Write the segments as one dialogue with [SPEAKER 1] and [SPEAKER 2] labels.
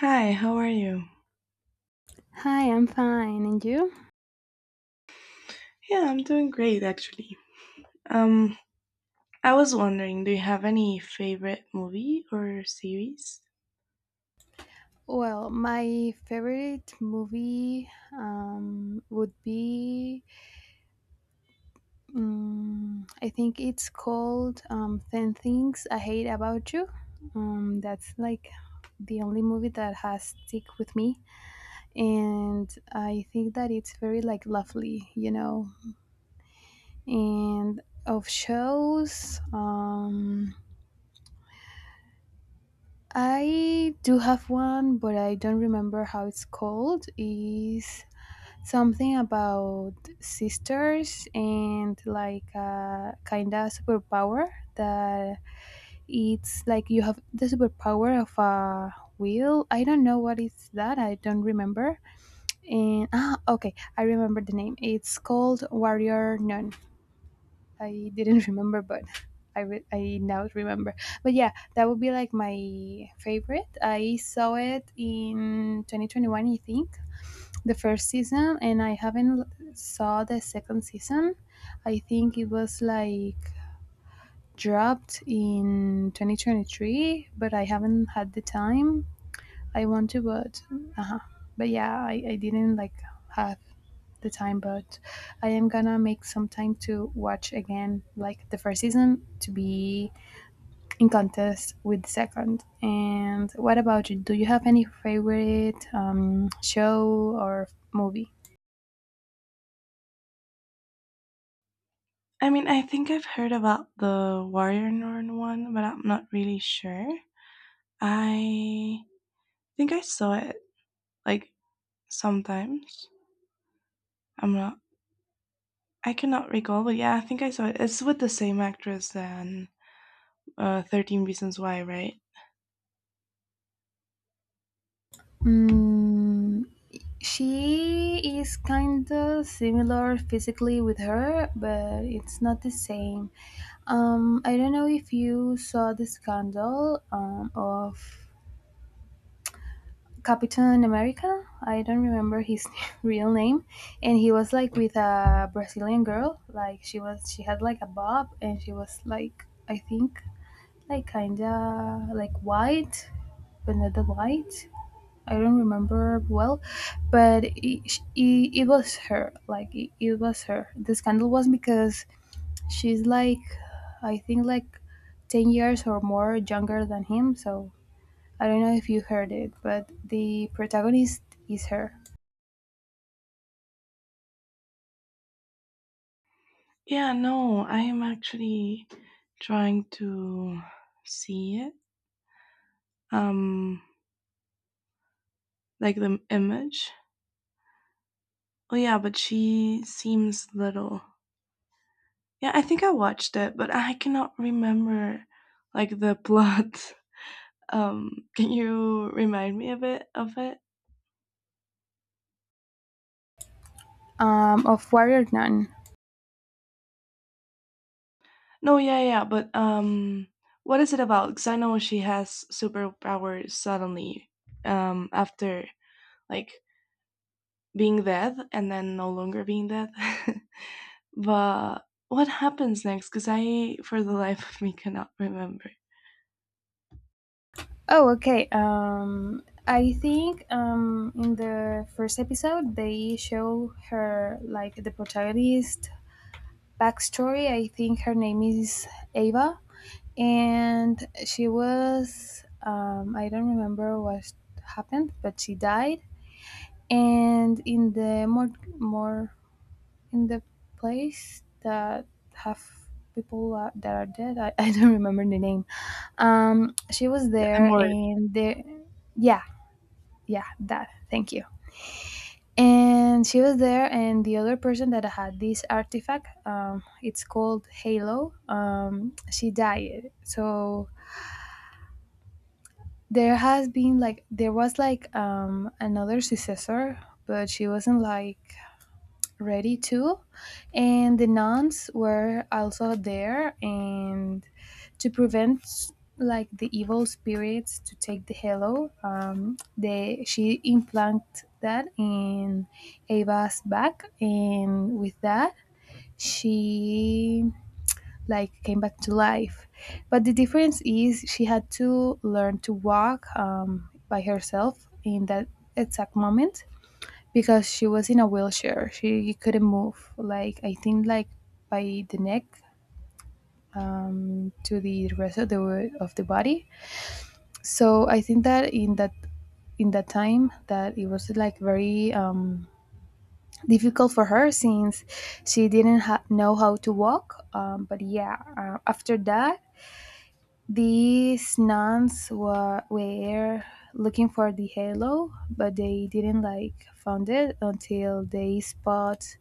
[SPEAKER 1] Hi, how are you?
[SPEAKER 2] Hi, I'm fine. And you?
[SPEAKER 1] Yeah, I'm doing great actually. Um, I was wondering, do you have any favorite movie or series?
[SPEAKER 2] Well, my favorite movie would be, I think it's called 10 Things I Hate About You. That's like the only movie that has stick with me. And I think that it's very like lovely. And of shows, I do have one, but I don't remember how it's called. Is something about sisters and like a kind of superpower that it's like you have the superpower of a wheel. I don't know what is that. I don't remember. And okay, I remember the name. It's called Warrior Nun. I didn't remember, but. I now remember, but yeah, that would be like my favorite. I saw it in 2021, I think, the first season, and I haven't saw the second season. I think it was like dropped in 2023, but I haven't had the time. I want to, but uh-huh. But yeah, I didn't like have the time, but I am gonna make some time to watch again, like the first season, to be in contest with the second. And what about you? Do you have any favorite show or movie?
[SPEAKER 1] I mean, I think I've heard about the Warrior Nun one, but I'm not really sure. I think I saw it like sometimes. I'm not. I cannot recall, but yeah, I think I saw it. It's with the same actress than 13 Reasons Why, right?
[SPEAKER 2] Mm, she is kind of similar physically with her, but it's not the same. I don't know if you saw the scandal of Captain America. I don't remember his real name, and he was like with a Brazilian girl. Like she had like a bob, and she was like, I think, like kinda like white, but not that white. I don't remember well, but it was her. Like it was her. The scandal was because she's like, I think, like 10 years or more younger than him. So I don't know if you heard it, but the protagonist is her.
[SPEAKER 1] Yeah, no, I am actually trying to see it. Um, like the image. Oh yeah, but she seems little. Yeah, I think I watched it, but I cannot remember like the plot. Can you remind me a bit of it?
[SPEAKER 2] Of Warrior Nun.
[SPEAKER 1] No, yeah, yeah, but what is it about? Because I know she has superpowers suddenly, after like being dead and then no longer being dead. But what happens next? Because for the life of me, cannot remember.
[SPEAKER 2] Oh, okay. I think in the first episode they show her like the protagonist backstory. I think her name is Ava, and she was, I don't remember what happened, but she died. And in the more, more in the place that have people, that are dead. I, I don't remember the name. She was
[SPEAKER 1] I'm
[SPEAKER 2] there,
[SPEAKER 1] more
[SPEAKER 2] and the, yeah, yeah, that, thank you, and she was there, and the other person that had this artifact, it's called halo, she died. So there has been like, there was like, another successor, but she wasn't like ready to, and the nuns were also there and to prevent like the evil spirits to take the halo. They She implanted that in Ava's back, and with that she like came back to life. But the difference is she had to learn to walk, by herself, in that exact moment, because she was in a wheelchair. She couldn't move. Like, I think like by the neck, to the rest of the body. So I think that in that time, that it was like very, difficult for her since she didn't know how to walk. But yeah, after that, these nuns were looking for the halo, but they didn't like found it until they spot,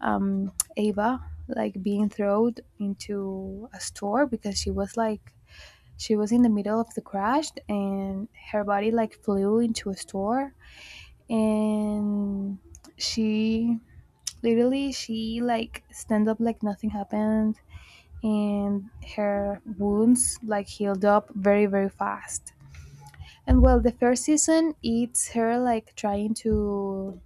[SPEAKER 2] Ava like being thrown into a store, because she was in the middle of the crash, and her body like flew into a store, and she literally, she like stand up like nothing happened, and her wounds like healed up very very fast. And well, the first season, it's her like trying to,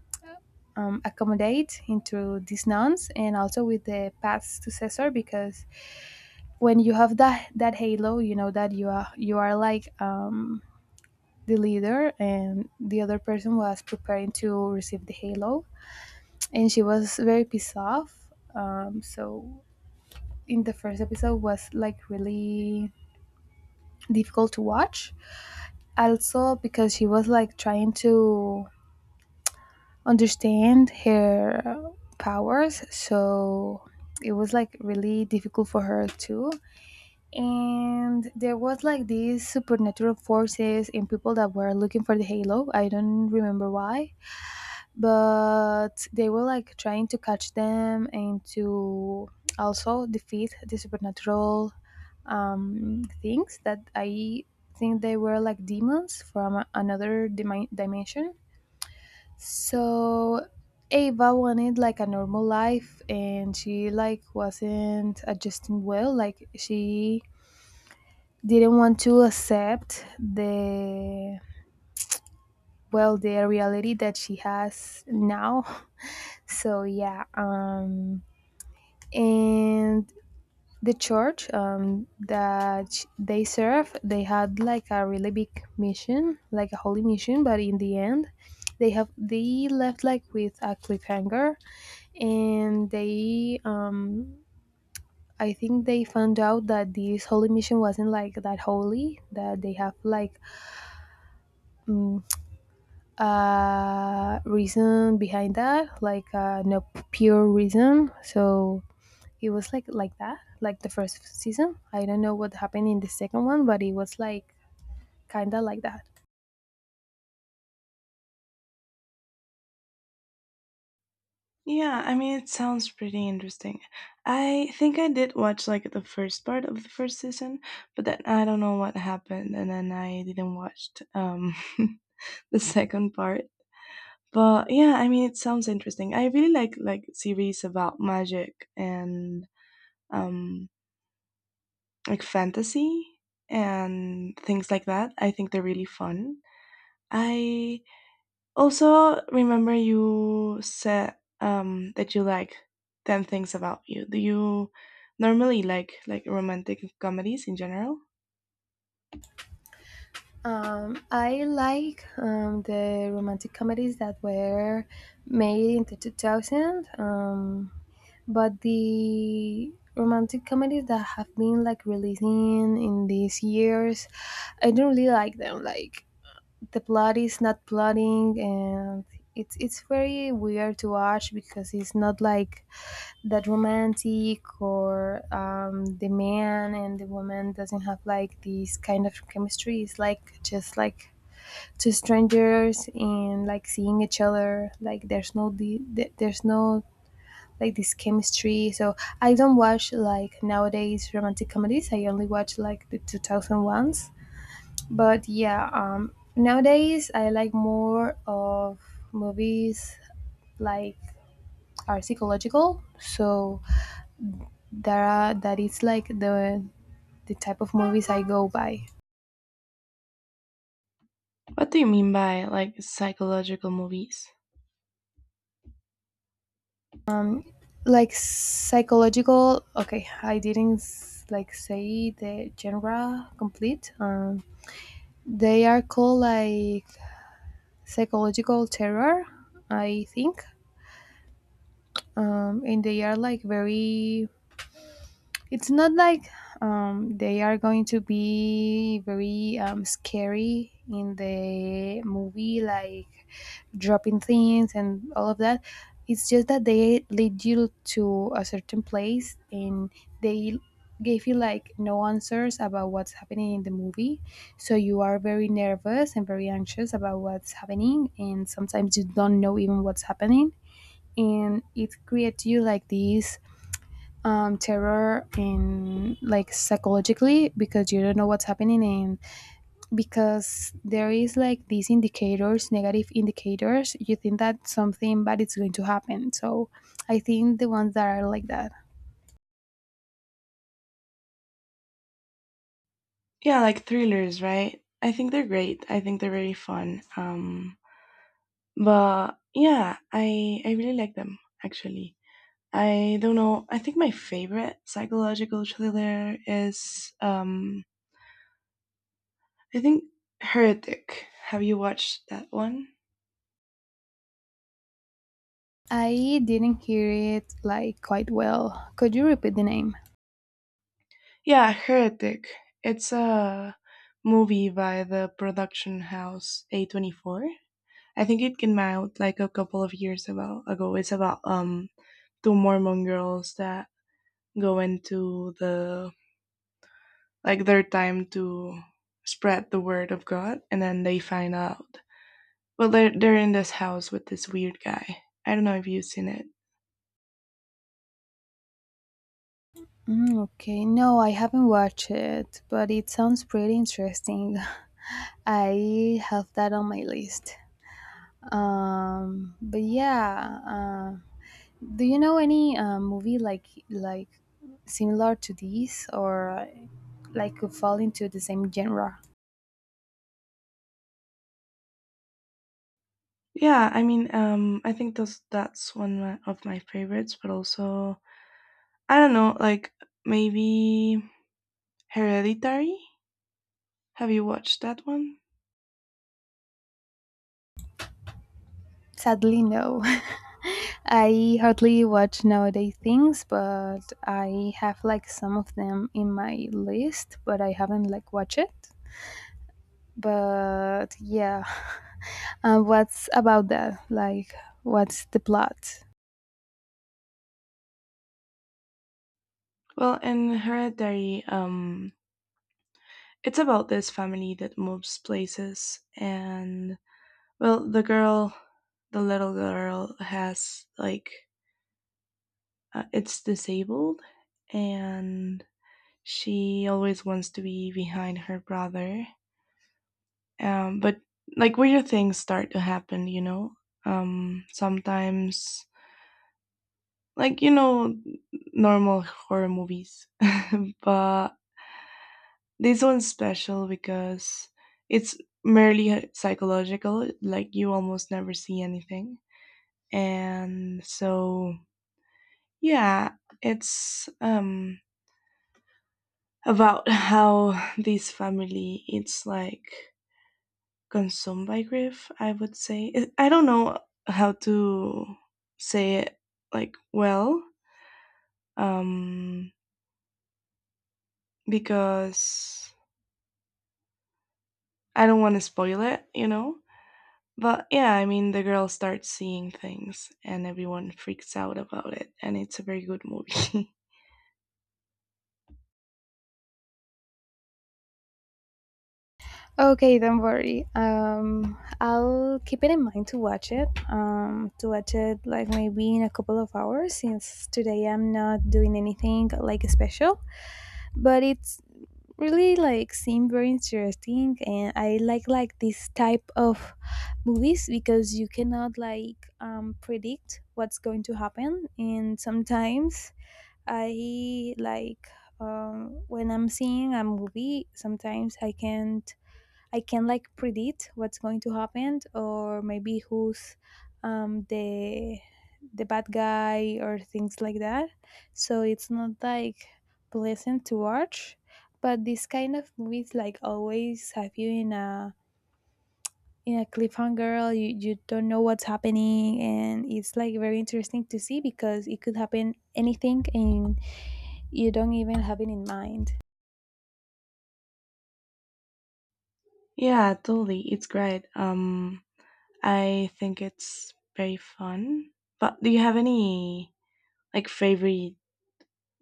[SPEAKER 2] accommodate into these nuns, and also with the paths to Caesar, because when you have that halo, you know that you are like, the leader, and the other person was preparing to receive the halo, and she was very pissed off. So in the first episode was like really difficult to watch, also because she was like trying to understand her powers, so it was like really difficult for her too. And there was like these supernatural forces and people that were looking for the halo. I don't remember why, but they were like trying to catch them, and to also defeat the supernatural, things that I think they were like demons from another dimension. So Ava wanted like a normal life, and she like wasn't adjusting well. Like, she didn't want to accept the, well, the reality that she has now. So yeah, and the church, that they serve, they had like a really big mission, like a holy mission, but in the end they left like with a cliffhanger. And they, I think they found out that this holy mission wasn't like that holy, that they have like, mm, a reason behind that, like, no pure reason. So it was like, that. Like, the first season, I don't know what happened in the second one, but it was like kind of like that.
[SPEAKER 1] Yeah, I mean, it sounds pretty interesting. I think I did watch like the first part of the first season, but then I don't know what happened, and then I didn't watch the second part. But yeah, I mean, it sounds interesting. I really like series about magic and um like fantasy and things like that. I think they're really fun. I Also, remember you said that you like ten things about you. Do you normally like romantic comedies in general?
[SPEAKER 2] I like, the romantic comedies that were made in the 2000. But the romantic comedies that have been like releasing in these years, I don't really like them. Like, the plot is not plotting, and it's very weird to watch, because it's not like that romantic, or, the man and the woman doesn't have like this kind of chemistry. It's like just like two strangers and like seeing each other. Like, there's no like this chemistry. So I don't watch like nowadays romantic comedies. I only watch like the 2000 ones. But yeah, nowadays I like more of movies like are psychological. So there are that is like the type of movies I go by.
[SPEAKER 1] What do you mean by like psychological movies?
[SPEAKER 2] Like, psychological. Okay, I didn't like say the genre complete. They are called like psychological terror, I think. And they are like very, it's not like they are going to be very, scary in the movie, like dropping things and all of that. It's just that they lead you to a certain place, and they gave you like no answers about what's happening in the movie. So you are very nervous and very anxious about what's happening, and sometimes you don't know even what's happening, and it creates you like this, terror, and like psychologically, because you don't know what's happening, and because there is like these indicators, negative indicators, you think that something bad is going to happen. So I think the ones that are like that.
[SPEAKER 1] Yeah, like thrillers, right? I think they're great. I think they're very fun. But yeah, I really like them actually. I don't know. I think my favorite psychological thriller is I think Heretic. Have you watched that one?
[SPEAKER 2] I didn't hear it like quite well. Could you repeat the name?
[SPEAKER 1] Yeah, Heretic. It's a movie by the production house A24. I think it came out like a couple of years about ago. It's about two Mormon girls that go into the like their time to spread the word of God, and then they find out. Well, they're in this house with this weird guy. I don't know if you've seen it.
[SPEAKER 2] Mm, okay, no, I haven't watched it, but it sounds pretty interesting. I have that on my list. But yeah, do you know any movie like, similar to this, or like, could fall into the same genre?
[SPEAKER 1] Yeah, I mean, I think those that's one of my favorites, but also I don't know, like maybe Hereditary. Have you watched that one?
[SPEAKER 2] Sadly, no. I hardly watch nowadays things, but I have like some of them in my list, but I haven't like watched it. But yeah, what's about that? Like, what's the plot?
[SPEAKER 1] Well, in Hereditary, it's about this family that moves places, and well, the girl, the little girl, has like it's disabled and she always wants to be behind her brother. But like weird things start to happen, you know. Sometimes like you know normal horror movies, but this one's special because it's merely psychological. Like you almost never see anything, and so yeah, it's about how this family it's like consumed by grief, I would say. I don't know how to say it like well um because I don't want to spoil it, you know. But yeah, I mean, the girl starts seeing things and everyone freaks out about it, and it's a very good movie.
[SPEAKER 2] Okay, don't worry. I'll keep it in mind to watch it. To watch it like maybe in a couple of hours, since today I'm not doing anything like special. But it's really like seem very interesting, and I like, this type of movies, because you cannot like, predict what's going to happen, and sometimes I like, when I'm seeing a movie sometimes I can't I can like predict what's going to happen, or maybe who's, the bad guy, or things like that. So it's not like pleasant to watch. But this kind of movies like always have you in a, cliffhanger. You don't know what's happening, and it's like very interesting to see, because it could happen anything, and you don't even have it in mind.
[SPEAKER 1] Yeah, totally, it's great. I think it's very fun. But do you have any like favorite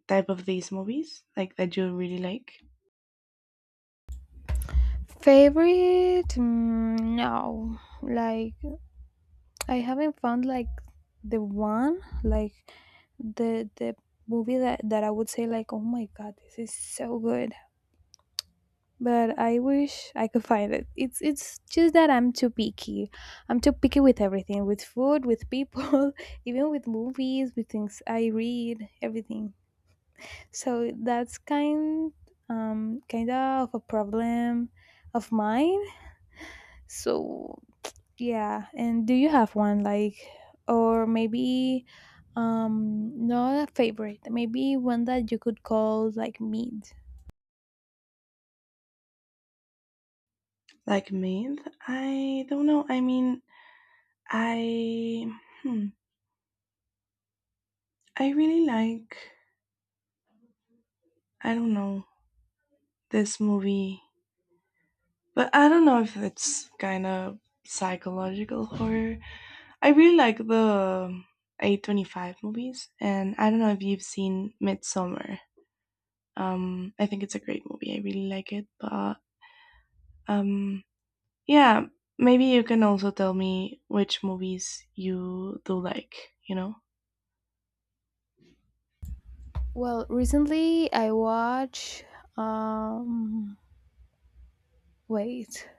[SPEAKER 1] type of these movies like that you really like?
[SPEAKER 2] Favorite? Mm, no, like, I haven't found like the one, like, the movie that I would say like, oh my god, this is so good. But I wish I could find it. It's just that I'm too picky. I'm too picky with everything, with food, with people, even with movies, with things I read, everything. So that's kind of a problem of mine. So yeah, and do you have one like, or maybe, not a favorite, maybe one that you could call like mid?
[SPEAKER 1] Like me, I don't know. I mean, I hmm, I really like I don't know this movie, but I don't know if it's kind of psychological horror. I really like the A25 movies, and I don't know if you've seen Midsummer. I think it's a great movie. I really like it, but Um, yeah, maybe you can also tell me which movies you do like, you know?
[SPEAKER 2] Well, recently I watched, um, wait,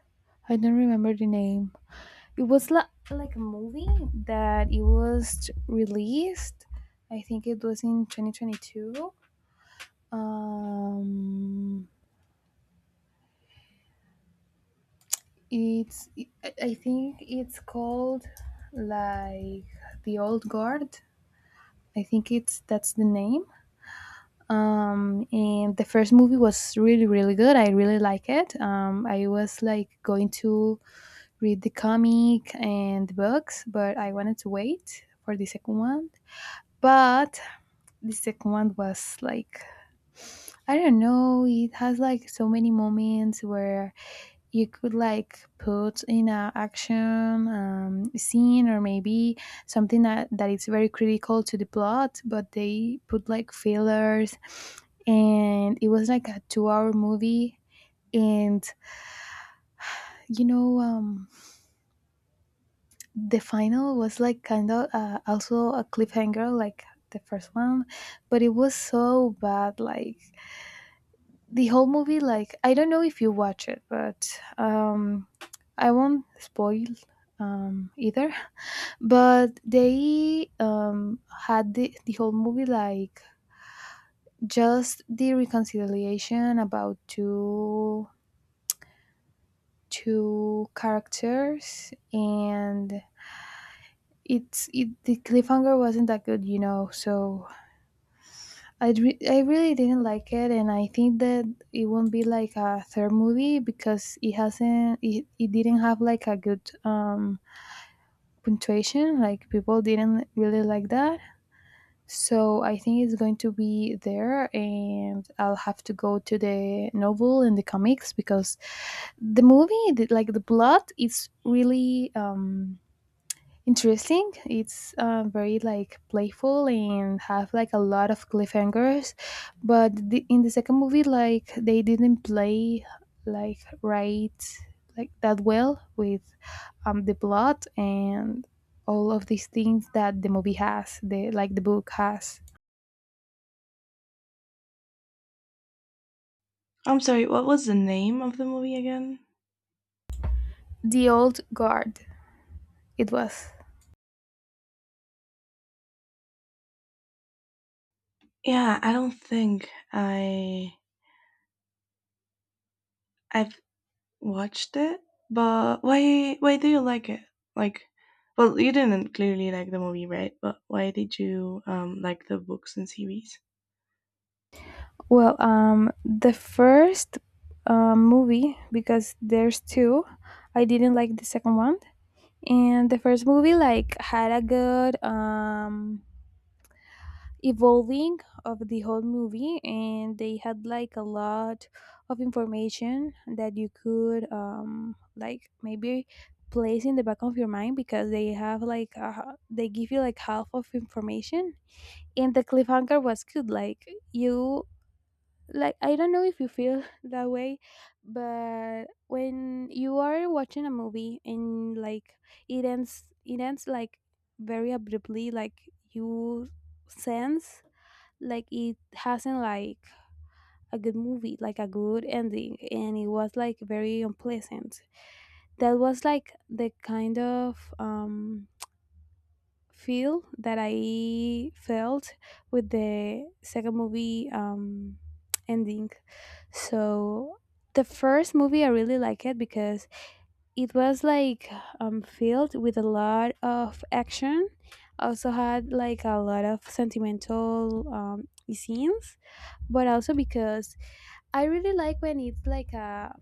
[SPEAKER 2] I don't remember the name. It was like a movie that it was released. I think it was in 2022. Um, It's I think it's called like the Old Guard. I think it's that's the name. And the first movie was really really good. I really like it. I was like going to read the comic and the books, but I wanted to wait for the second one. But the second one was like, I don't know. It has like so many moments where you could like put in a action scene, or maybe something that is very critical to the plot, but they put like fillers, and it was like a 2 hour movie and you know um, the final was like kind of also a cliffhanger like the first one, but it was so bad. Like the whole movie, like I don't know if you watch it, but I won't spoil either. But they had the whole movie like just the reconciliation about two characters. And the cliffhanger wasn't that good, so I really didn't like it. And I think that it won't be like a third movie, because it hasn't it, it didn't have like a good punctuation. Like people didn't really like that. So I think it's going to be there, and I'll have to go to the novel and the comics, because the movie, like the plot, is really interesting. It's very like playful and have like a lot of cliffhangers. But in the second movie, like they didn't play like right like that well with the plot and all of these things that the movie has, the like the book has.
[SPEAKER 1] I'm sorry, what was the name of the movie again?
[SPEAKER 2] The Old Guard. It was.
[SPEAKER 1] Yeah, I don't think I've watched it, but why do you like it? Like well, you didn't clearly like the movie, right? But why did you like the books and series?
[SPEAKER 2] Well, the first movie, because there's two. I didn't like the second one, and the first movie like had a good evolving of the whole movie, and they had like a lot of information that you could like maybe place in the back of your mind, because they have like they give you like half of information, and the cliffhanger was good. Like you, like I don't know if you feel that way, but when you are watching a movie and like it ends like very abruptly, like you sense like it hasn't like a good movie, like a good ending, and it was like very unpleasant. That was like the kind of feel that I felt with the second movie ending. So the first movie I really like it, because it was like filled with a lot of action. Also had like a lot of sentimental scenes, but also because I really like when it's like a,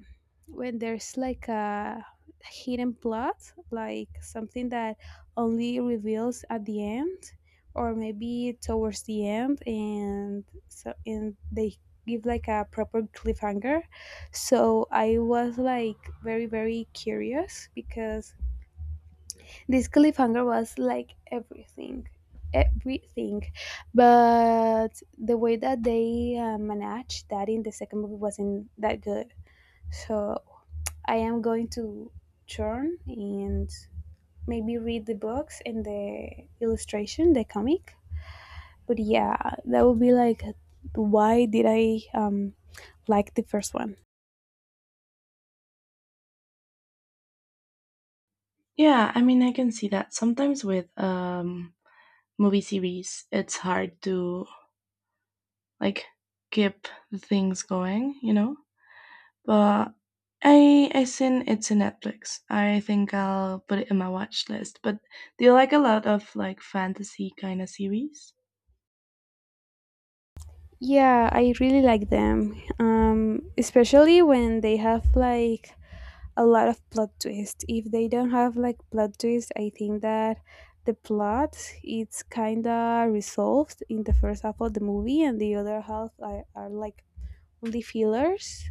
[SPEAKER 2] when there's like a hidden plot, like something that only reveals at the end, or maybe towards the end, and so and they give like a proper cliffhanger. So I was like very curious, because this cliffhanger was like everything, but the way that they managed that in the second movie wasn't that good, so I am going to turn and maybe read the books and the illustration, the comic. But yeah, that would be like why did I like the first one?
[SPEAKER 1] Yeah, I mean, I can see that. Sometimes with movie series, it's hard to like keep the things going, you know. But I seen it's in Netflix. I think I'll put it in my watch list. But do you like a lot of like fantasy kind of series?
[SPEAKER 2] Yeah, I really like them, especially when they have like a lot of plot twist. If they don't have like plot twist, I think that the plot it's kind of resolved in the first half of the movie, and the other half are like only fillers.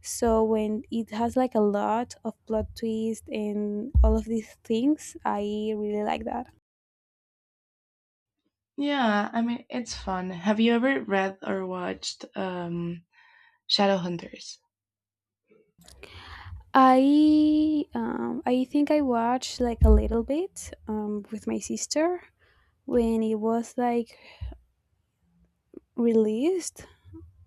[SPEAKER 2] So when it has like a lot of plot twist and all of these things, I really like that.
[SPEAKER 1] Yeah, I mean it's fun. Have you ever read or watched Shadowhunters?
[SPEAKER 2] I think I watched like a little bit with my sister when it was like released,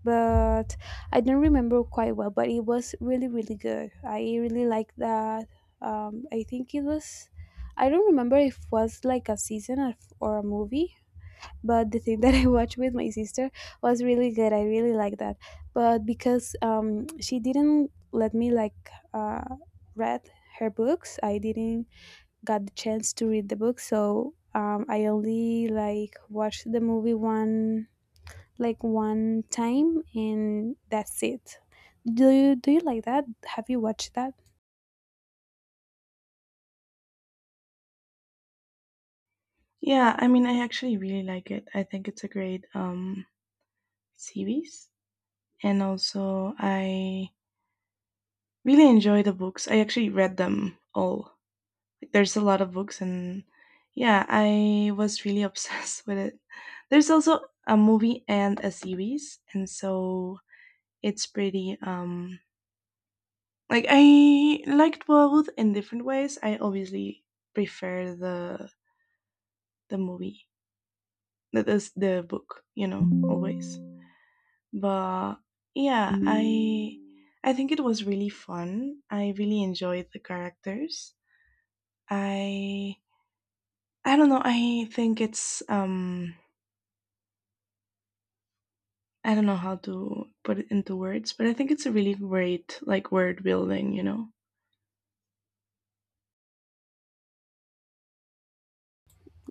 [SPEAKER 2] but I don't remember quite well. But it was really really good. I really like that. I think it was. I don't remember if it was like a season of, or a movie, but the thing that I watched with my sister was really good. I really like that. But because she didn't let me like uh, read her books, I didn't got the chance to read the book. So I only like watched the movie one, like one time, and that's it. Do you like that? Have you watched that?
[SPEAKER 1] Yeah, I mean I actually really like it. I think it's a great series. And also I really enjoy the books. I actually read them all. There's a lot of books, and yeah, I was really obsessed with it. There's also a movie and a series, and so it's pretty like I liked both in different ways. I obviously prefer the movie, the book, you know, always. But yeah, I think it was really fun. I really enjoyed the characters. I I don't know. I think it's I don't know how to put it into words, but I think it's a really great like word building, you know.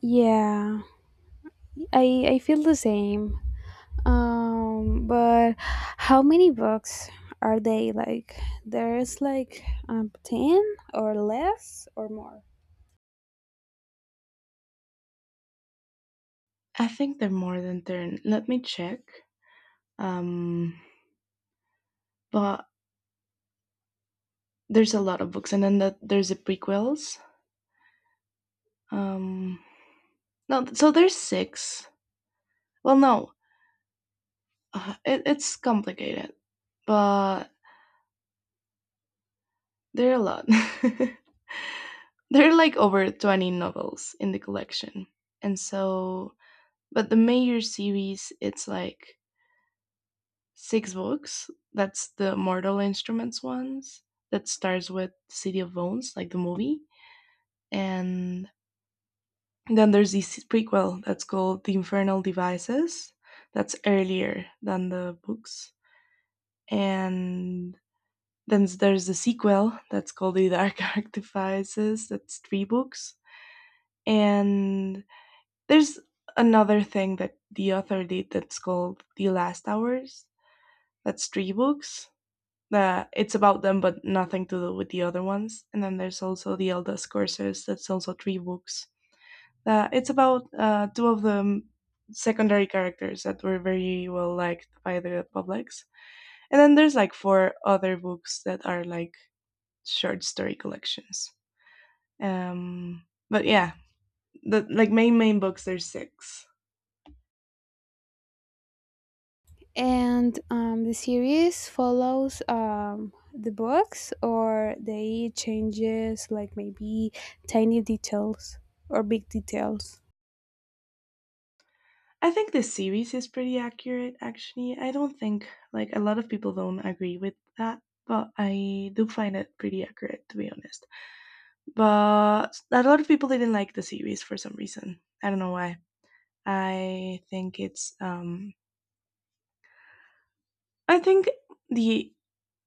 [SPEAKER 2] Yeah, I feel the same. But how many books are they like? There's like 10 or less or more.
[SPEAKER 1] I think they're more than 10. Let me check. Um but there's a lot of books and then there's the prequels. Um no, so there's 6. Well, no. It's complicated, but there are a lot. There are like over 20 novels in the collection. And so, but the major series, it's like six books. That's the Mortal Instruments ones that starts with City of Bones, like the movie. And then there's this prequel that's called The Infernal Devices. That's earlier than the books. And then there's the sequel that's called The Dark Artifices. That's three books. And There's another thing that the author did that's called The Last Hours. That's three books. That it's about them, but nothing to do with the other ones. And then there's also The Eldest Courses. That's also three books. It's about two of the secondary characters that were very well liked by the publics. And then there's like four other books that are like short story collections. But yeah, the like main books there's six.
[SPEAKER 2] And the series follows the books, or they changes like maybe tiny details or big details.
[SPEAKER 1] I think this series is pretty accurate, actually. I don't think, like, a lot of people don't agree with that, but I do find it pretty accurate, to be honest. But a lot of people didn't like the series for some reason. I don't know why. I think it's, I think the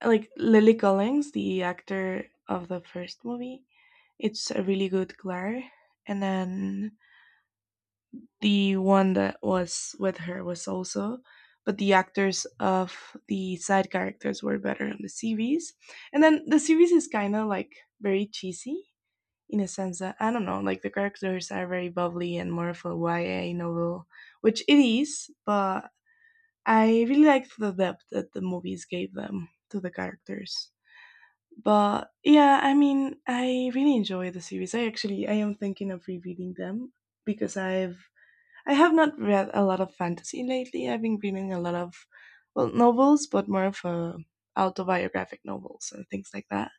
[SPEAKER 1] like Lily Collins, the actor of the first movie, it's a really good Claire. And then the one that was with her was also, but the actors of the side characters were better on the series. And then the series is kind of like very cheesy in a sense that I don't know, like the characters are very bubbly and more of a YA novel, which it is, but I really liked the depth that the movies gave them to the characters. But yeah, I mean, I really enjoy the series. I actually I am thinking of rereading them because I have not read a lot of fantasy lately. I've been reading a lot of well novels, but more of autobiographic novels and things like that.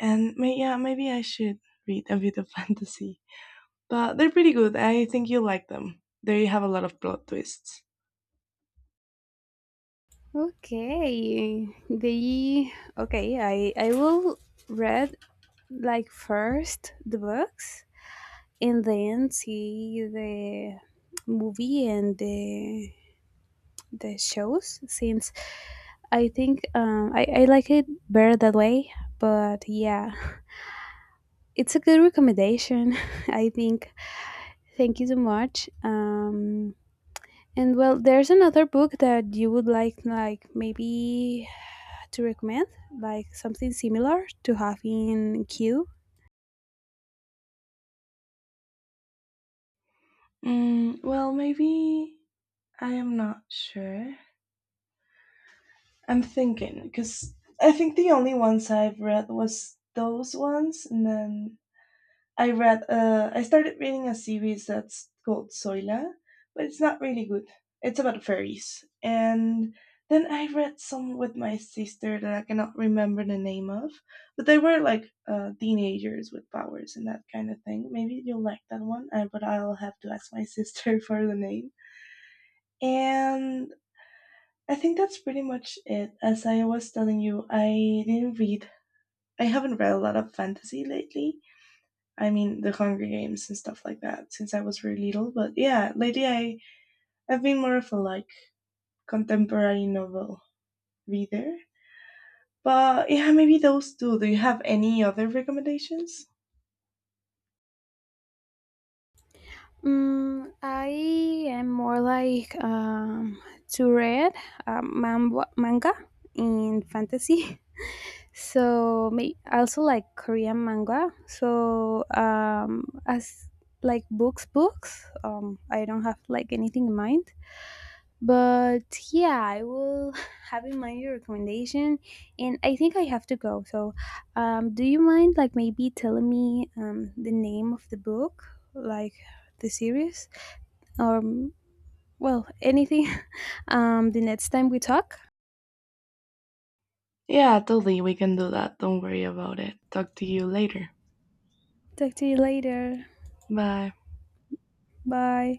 [SPEAKER 1] And yeah, maybe I should read a bit of fantasy. But they're pretty good. I think you'll like them. They have a lot of plot twists.
[SPEAKER 2] Okay, they okay. I will read like first the books, and then see the movie and the shows, since I think I like it better that way. But yeah, it's a good recommendation, I think. Thank you so much. And well, there's another book that you would like maybe to recommend, like something similar to having queue.
[SPEAKER 1] Mm, well, maybe I am not sure. I'm thinking because I think the only ones I've read was those ones, and then I read I started reading a series that's called Soila, but it's not really good. It's about fairies. And then I read some with my sister that I cannot remember the name of, but they were like teenagers with powers and that kind of thing. Maybe you'll like that one, but I'll have to ask my sister for the name. And I think that's pretty much it. As I was telling you, I didn't read. I haven't read a lot of fantasy lately. I mean, the Hunger Games and stuff like that since I was really little. But yeah, I've been more of a like contemporary novel reader. But yeah, maybe those two. Do you have any other recommendations?
[SPEAKER 2] Mm, I am more like to read manga in fantasy. So may also like Korean manga. So as like books, books. I don't have like anything in mind. But yeah, I will have in mind your recommendation, and I think I have to go. So, do you mind like maybe telling me the name of the book, like the series? Or mm, well anything the next time we talk.
[SPEAKER 1] Yeah, totally. We can do that. Don't worry about it. Talk to you later.
[SPEAKER 2] Talk to you later.
[SPEAKER 1] Bye.
[SPEAKER 2] Bye.